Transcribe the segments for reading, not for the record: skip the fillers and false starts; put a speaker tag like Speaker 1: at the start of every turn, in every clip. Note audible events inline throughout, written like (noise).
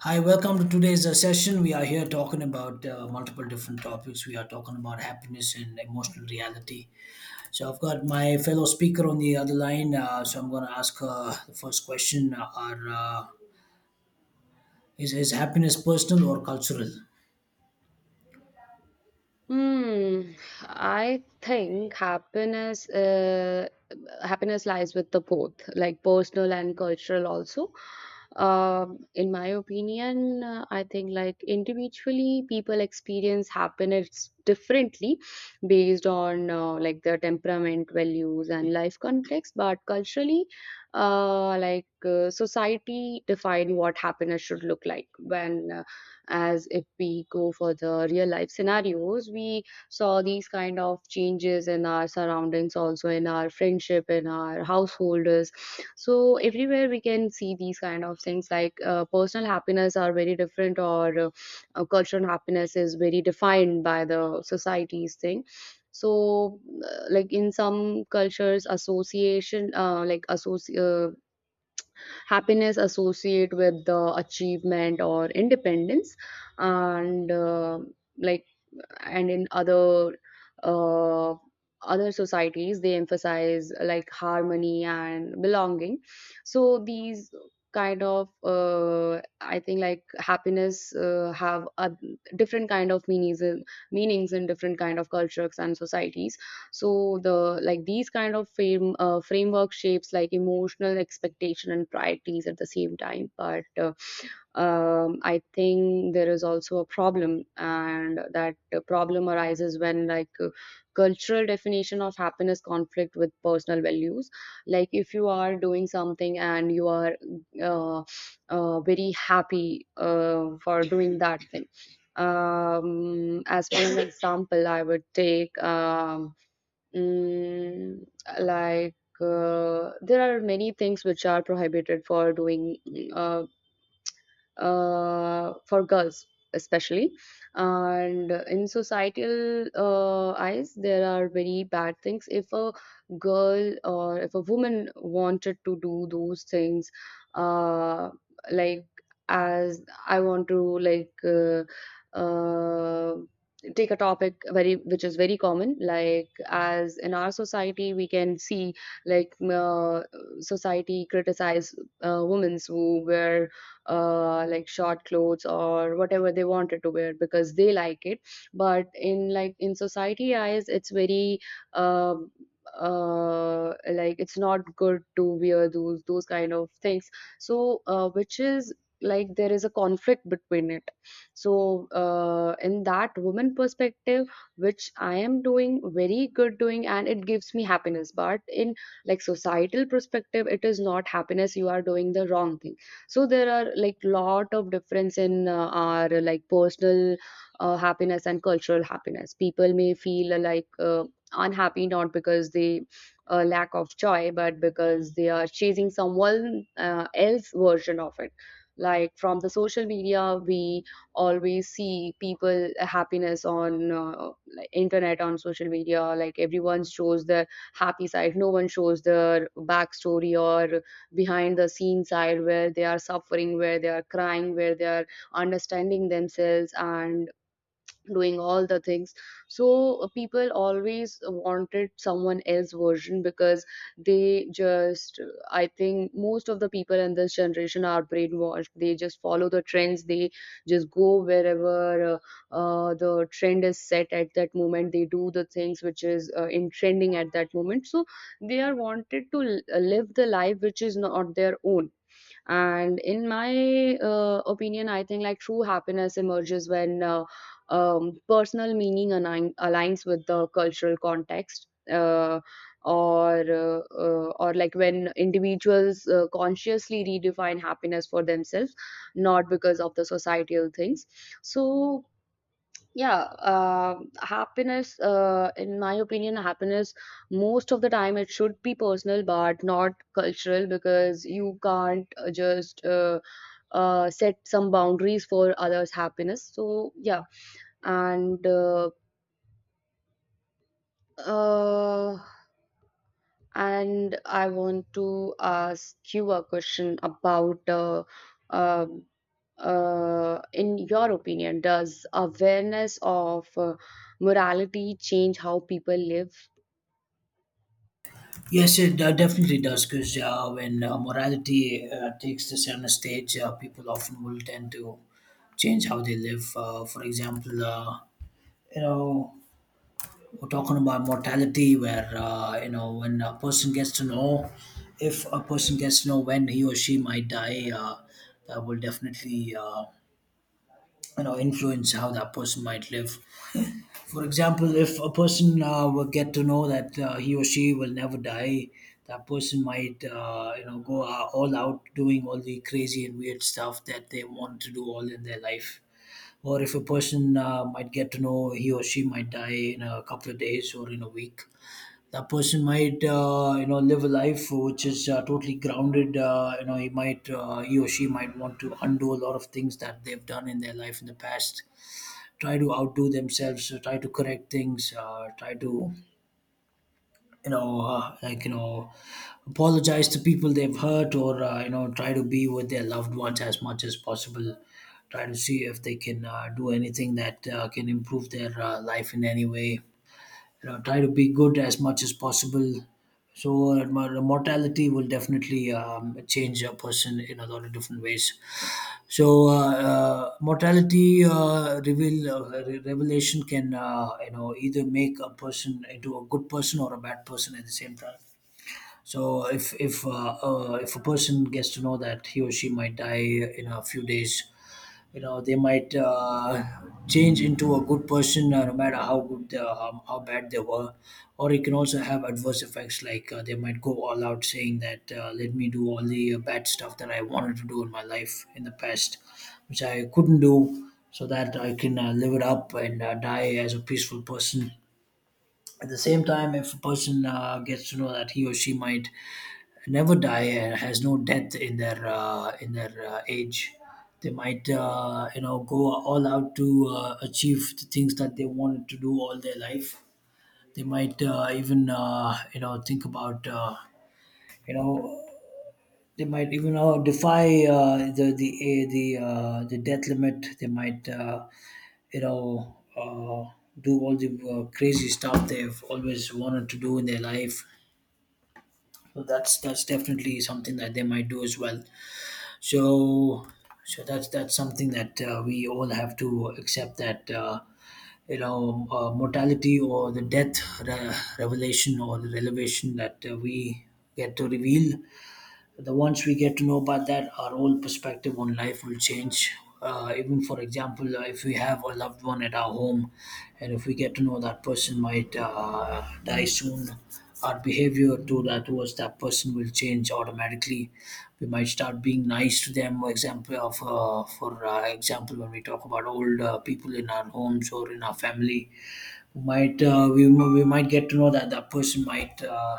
Speaker 1: Hi, welcome to today's session. We are here talking about multiple different topics. We are talking about happiness and emotional reality. So, I've got my fellow speaker on the other line. So, I'm going to ask her the first question is happiness personal or cultural?
Speaker 2: Hmm, I think happiness lies with the both, like personal and cultural also. In my opinion, I think like individually people experience happiness differently based on like their temperament, values, and life context. But culturally, society define what happiness should look like when as if we go for the real life scenarios we saw these kind of changes in our surroundings, also in our friendship, in our householders. So everywhere we can see these kind of things, like personal happiness are very different, or cultural happiness is very defined by the society's thing. So like in some cultures association happiness associate with the achievement or independence. And uh, like and in other uh, other societies they emphasize like harmony and belonging. So these kind of, I think like happiness have a different kind of meanings in different kind of cultures and societies. So the like these kind of framework shapes like emotional expectation and priorities at the same time. But I think there is also a problem, and that problem arises when like cultural definition of happiness conflict with personal values. Like if you are doing something and you are uh, very happy for doing that thing. As for an (coughs) example, I would take mm, like there are many things which are prohibited for doing. Uh, for girls especially, and in societal eyes there are very bad things if a girl or if a woman wanted to do those things. Uh, like as I want to like uh, take a topic very which is very common, like as in our society we can see like society criticize women who wear like short clothes or whatever they wanted to wear because they like it. But in like in society eyes it's very um it's not good to wear those kind of things. So which is like there is a conflict between it. So in that woman perspective, which I am doing very good doing and it gives me happiness, but in like societal perspective it is not happiness, you are doing the wrong thing. So there are like lot of difference in our like personal happiness and cultural happiness. People may feel unhappy not because they lack of joy, but because they are chasing someone else version of it. Like from the social media we always see people happiness on like internet, on social media. Like everyone shows their happy side, no one shows their backstory or behind the scene side where they are suffering, where they are crying, where they are understanding themselves and doing all the things. So people always wanted someone else version, because they just, I think most of the people in this generation are brainwashed, they just follow the trends, they just go wherever the trend is set at that moment. They do the things which is in trending at that moment. So they are wanted to live the life which is not their own. And in my opinion, I think like true happiness emerges when personal meaning aligns with the cultural context, or like when individuals consciously redefine happiness for themselves, not because of the societal things. So yeah, happiness, in my opinion, happiness, most of the time it should be personal but not cultural, because you can't just set some boundaries for others' happiness. So, yeah, and uh, uh, and I want to ask you a question about um in your opinion, does awareness of morality change how people live?
Speaker 1: Yes, it definitely does because when morality takes the center stage, people often will tend to change how they live. For example, you know, We're talking about mortality, where you know when a person gets to know, if a person gets to know when he or she might die, that will definitely you know influence how that person might live. For example, if a person will get to know that he or she will never die, that person might you know go all out doing all the crazy and weird stuff that they want to do all in their life, or if a person might get to know he or she might die in a couple of days or in a week, that person might you know live a life which is totally grounded. You know he might he or she might want to undo a lot of things that they've done in their life in the past, try to outdo themselves, try to correct things, try to you know like you know apologize to people they've hurt, or you know try to be with their loved ones as much as possible, try to see if they can do anything that can improve their life in any way, you know, try to be good as much as possible. So the mortality will definitely change a person in a lot of different ways. So mortality revelation can you know either make a person into a good person or a bad person at the same time. So if a person gets to know that he or she might die in a few days, you know they might change into a good person no matter how bad they were, or it can also have adverse effects like they might go all out saying that let me do all the bad stuff that I wanted to do in my life in the past which I couldn't do, so that I can live it up and die as a peaceful person. At the same time, if a person gets to know that he or she might never die and has no death in their age, they might you know go all out to achieve the things that they wanted to do all their life. They might even you know think about you know, they might even defy the death limit. They might you know. Do all the crazy stuff they've always wanted to do in their life. So that's definitely something that they might do as well. So, so that's something that we all have to accept, that you know mortality or the revelation, or the revelation that we get to reveal, the ones we get to know about that, our whole perspective on life will change. Even for example, if we have a loved one at our home, and if we get to know that person might die soon, our behavior to that towards that person will change automatically. We might start being nice to them. For example, of for example, when we talk about old people in our homes or in our family, might we might get to know that that person might.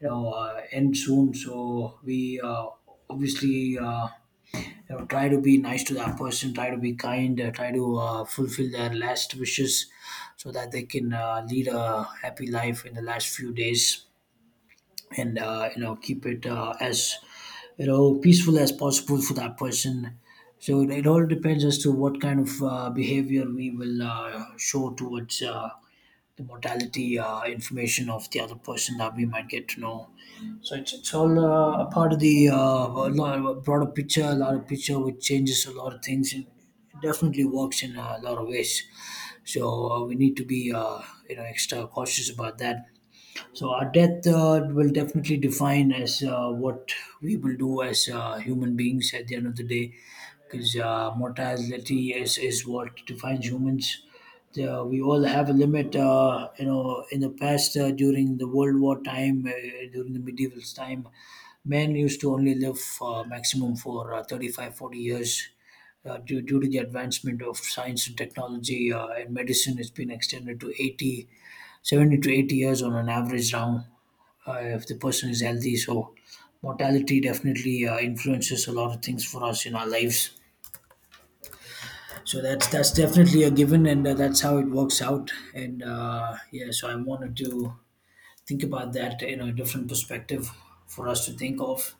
Speaker 1: You know end soon, so we obviously you know try to be nice to that person, try to be kind, try to fulfill their last wishes so that they can lead a happy life in the last few days, and you know keep it as you know peaceful as possible for that person. So it all depends as to what kind of behavior we will show towards the mortality information of the other person that we might get to know. So it's all a part of the a lot of a broader picture, a lot of picture which changes a lot of things, and it definitely works in a lot of ways. So we need to be you know extra cautious about that. So our death will definitely define as what we will do as human beings at the end of the day, because mortality is what defines humans. We all have a limit. You know, in the past, during the World War time, during the medieval time, men used to only live maximum for 35, 40 years. Due to the advancement of science and technology and medicine, it's been extended to 80 70 to 80 years on an average round, if the person is healthy. So mortality definitely influences a lot of things for us in our lives. So that's definitely a given, and that's how it works out, and yeah, so I wanted to think about that in a different perspective for us to think of.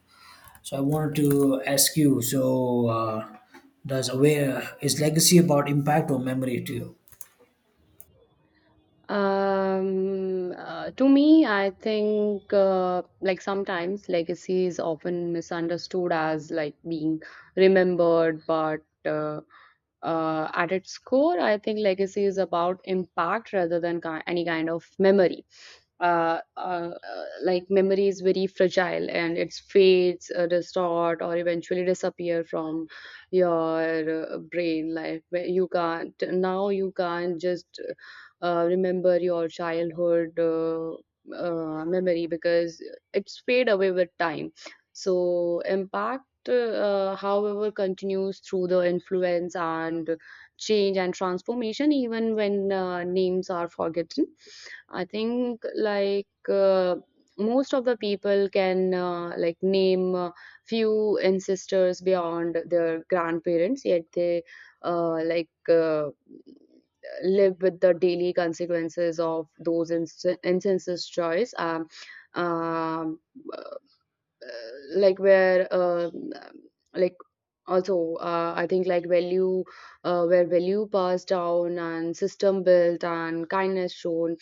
Speaker 1: So I wanted to ask you, so does aware is legacy about impact or memory to you?
Speaker 2: To me, I think like sometimes legacy is often misunderstood as like being remembered, but uh, at its core, I think legacy is about impact rather than any kind of memory. uh, uh, like memory is very fragile and it fades, distort, or eventually disappear from your brain life. Where you can't now. You can't just remember your childhood memory, because it's fade away with time. So impact, however, continues through the influence and change and transformation even when names are forgotten. I think like most of the people can like name few ancestors beyond their grandparents, yet they uh, like uh, live with the daily consequences of those instances choice. Um, like where like also I think like value, where value passed down and system built and kindness shown,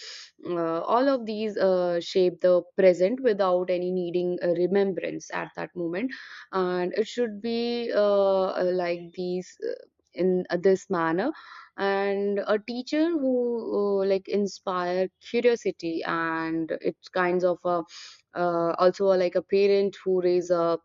Speaker 2: all of these shape the present without any needing a remembrance at that moment. And it should be like these in this manner. And a teacher who like inspire curiosity, and it's kinds of a also like a parent who raise a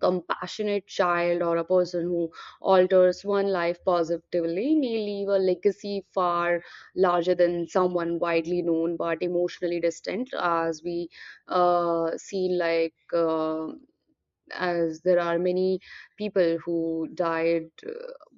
Speaker 2: compassionate child, or a person who alters one life positively, may leave a legacy far larger than someone widely known but emotionally distant. As we see, as there are many people who died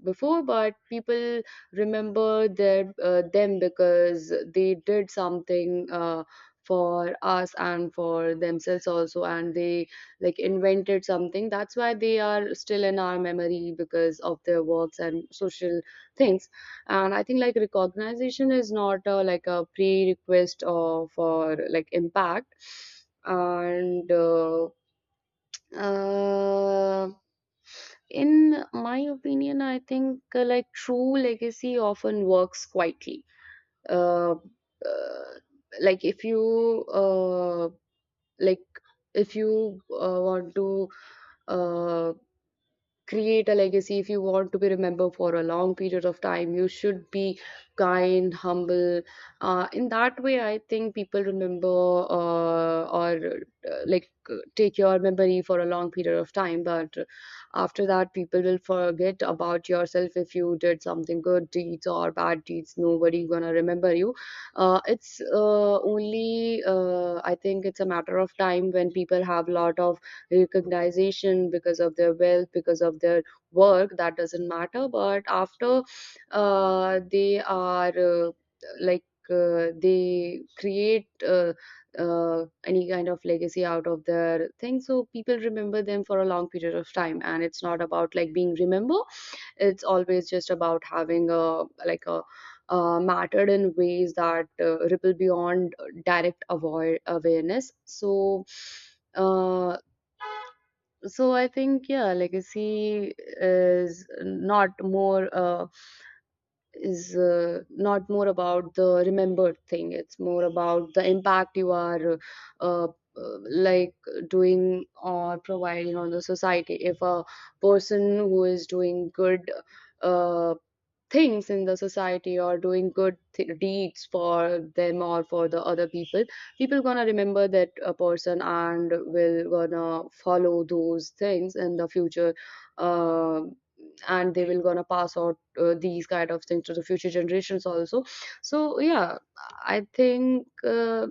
Speaker 2: before, but people remember their them, because they did something for us and for themselves also, and they like invented something. That's why they are still in our memory, because of their works and social things. And I think like recognition is not like a pre-request or for like impact. And uh, in my opinion, I think like true legacy often works quietly. Uh, uh, like if you uh, like if you want to uh, create a legacy, if you want to be remembered for a long period of time, you should be kind, humble. In that way I think people remember, or like take your memory for a long period of time. But after that people will forget about yourself. If you did something good deeds or bad deeds, nobody gonna remember you. It's only I think it's a matter of time. When people have lot of recognition because of their wealth, because of their work, that doesn't matter. But after they are like they create any kind of legacy out of their thing, so people remember them for a long period of time. And it's not about like being remembered; it's always just about having a like a mattered in ways that ripple beyond direct avoid awareness. So uh, so I think yeah, legacy is not more about the remembered thing, it's more about the impact you are uh, uh, like doing or providing on the society. If a person who is doing good uh, things in the society or doing good deeds for them or for the other people, people gonna remember that a person and will gonna follow those things in the future. uh, and they will gonna pass out these kind of things to the future generations also. So yeah, I think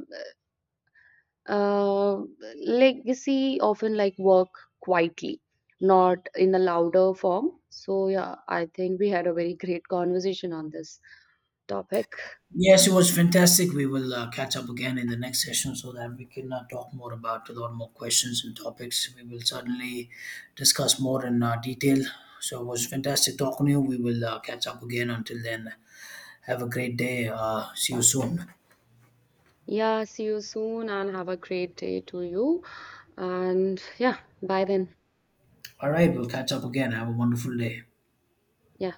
Speaker 2: uh, legacy often like work quietly, not in a louder form. So yeah, I think we had a very great conversation on this topic.
Speaker 1: Yes, it was fantastic. We will catch up again in the next session so that we can talk more about a lot more questions and topics. We will certainly discuss more in detail. So it was fantastic talking to you. We will catch up again. Until then, have a great day. See you soon.
Speaker 2: Yeah, see you soon and have a great day to you. And yeah, bye then.
Speaker 1: All right, we'll catch up again. Have a wonderful day.
Speaker 2: Yeah.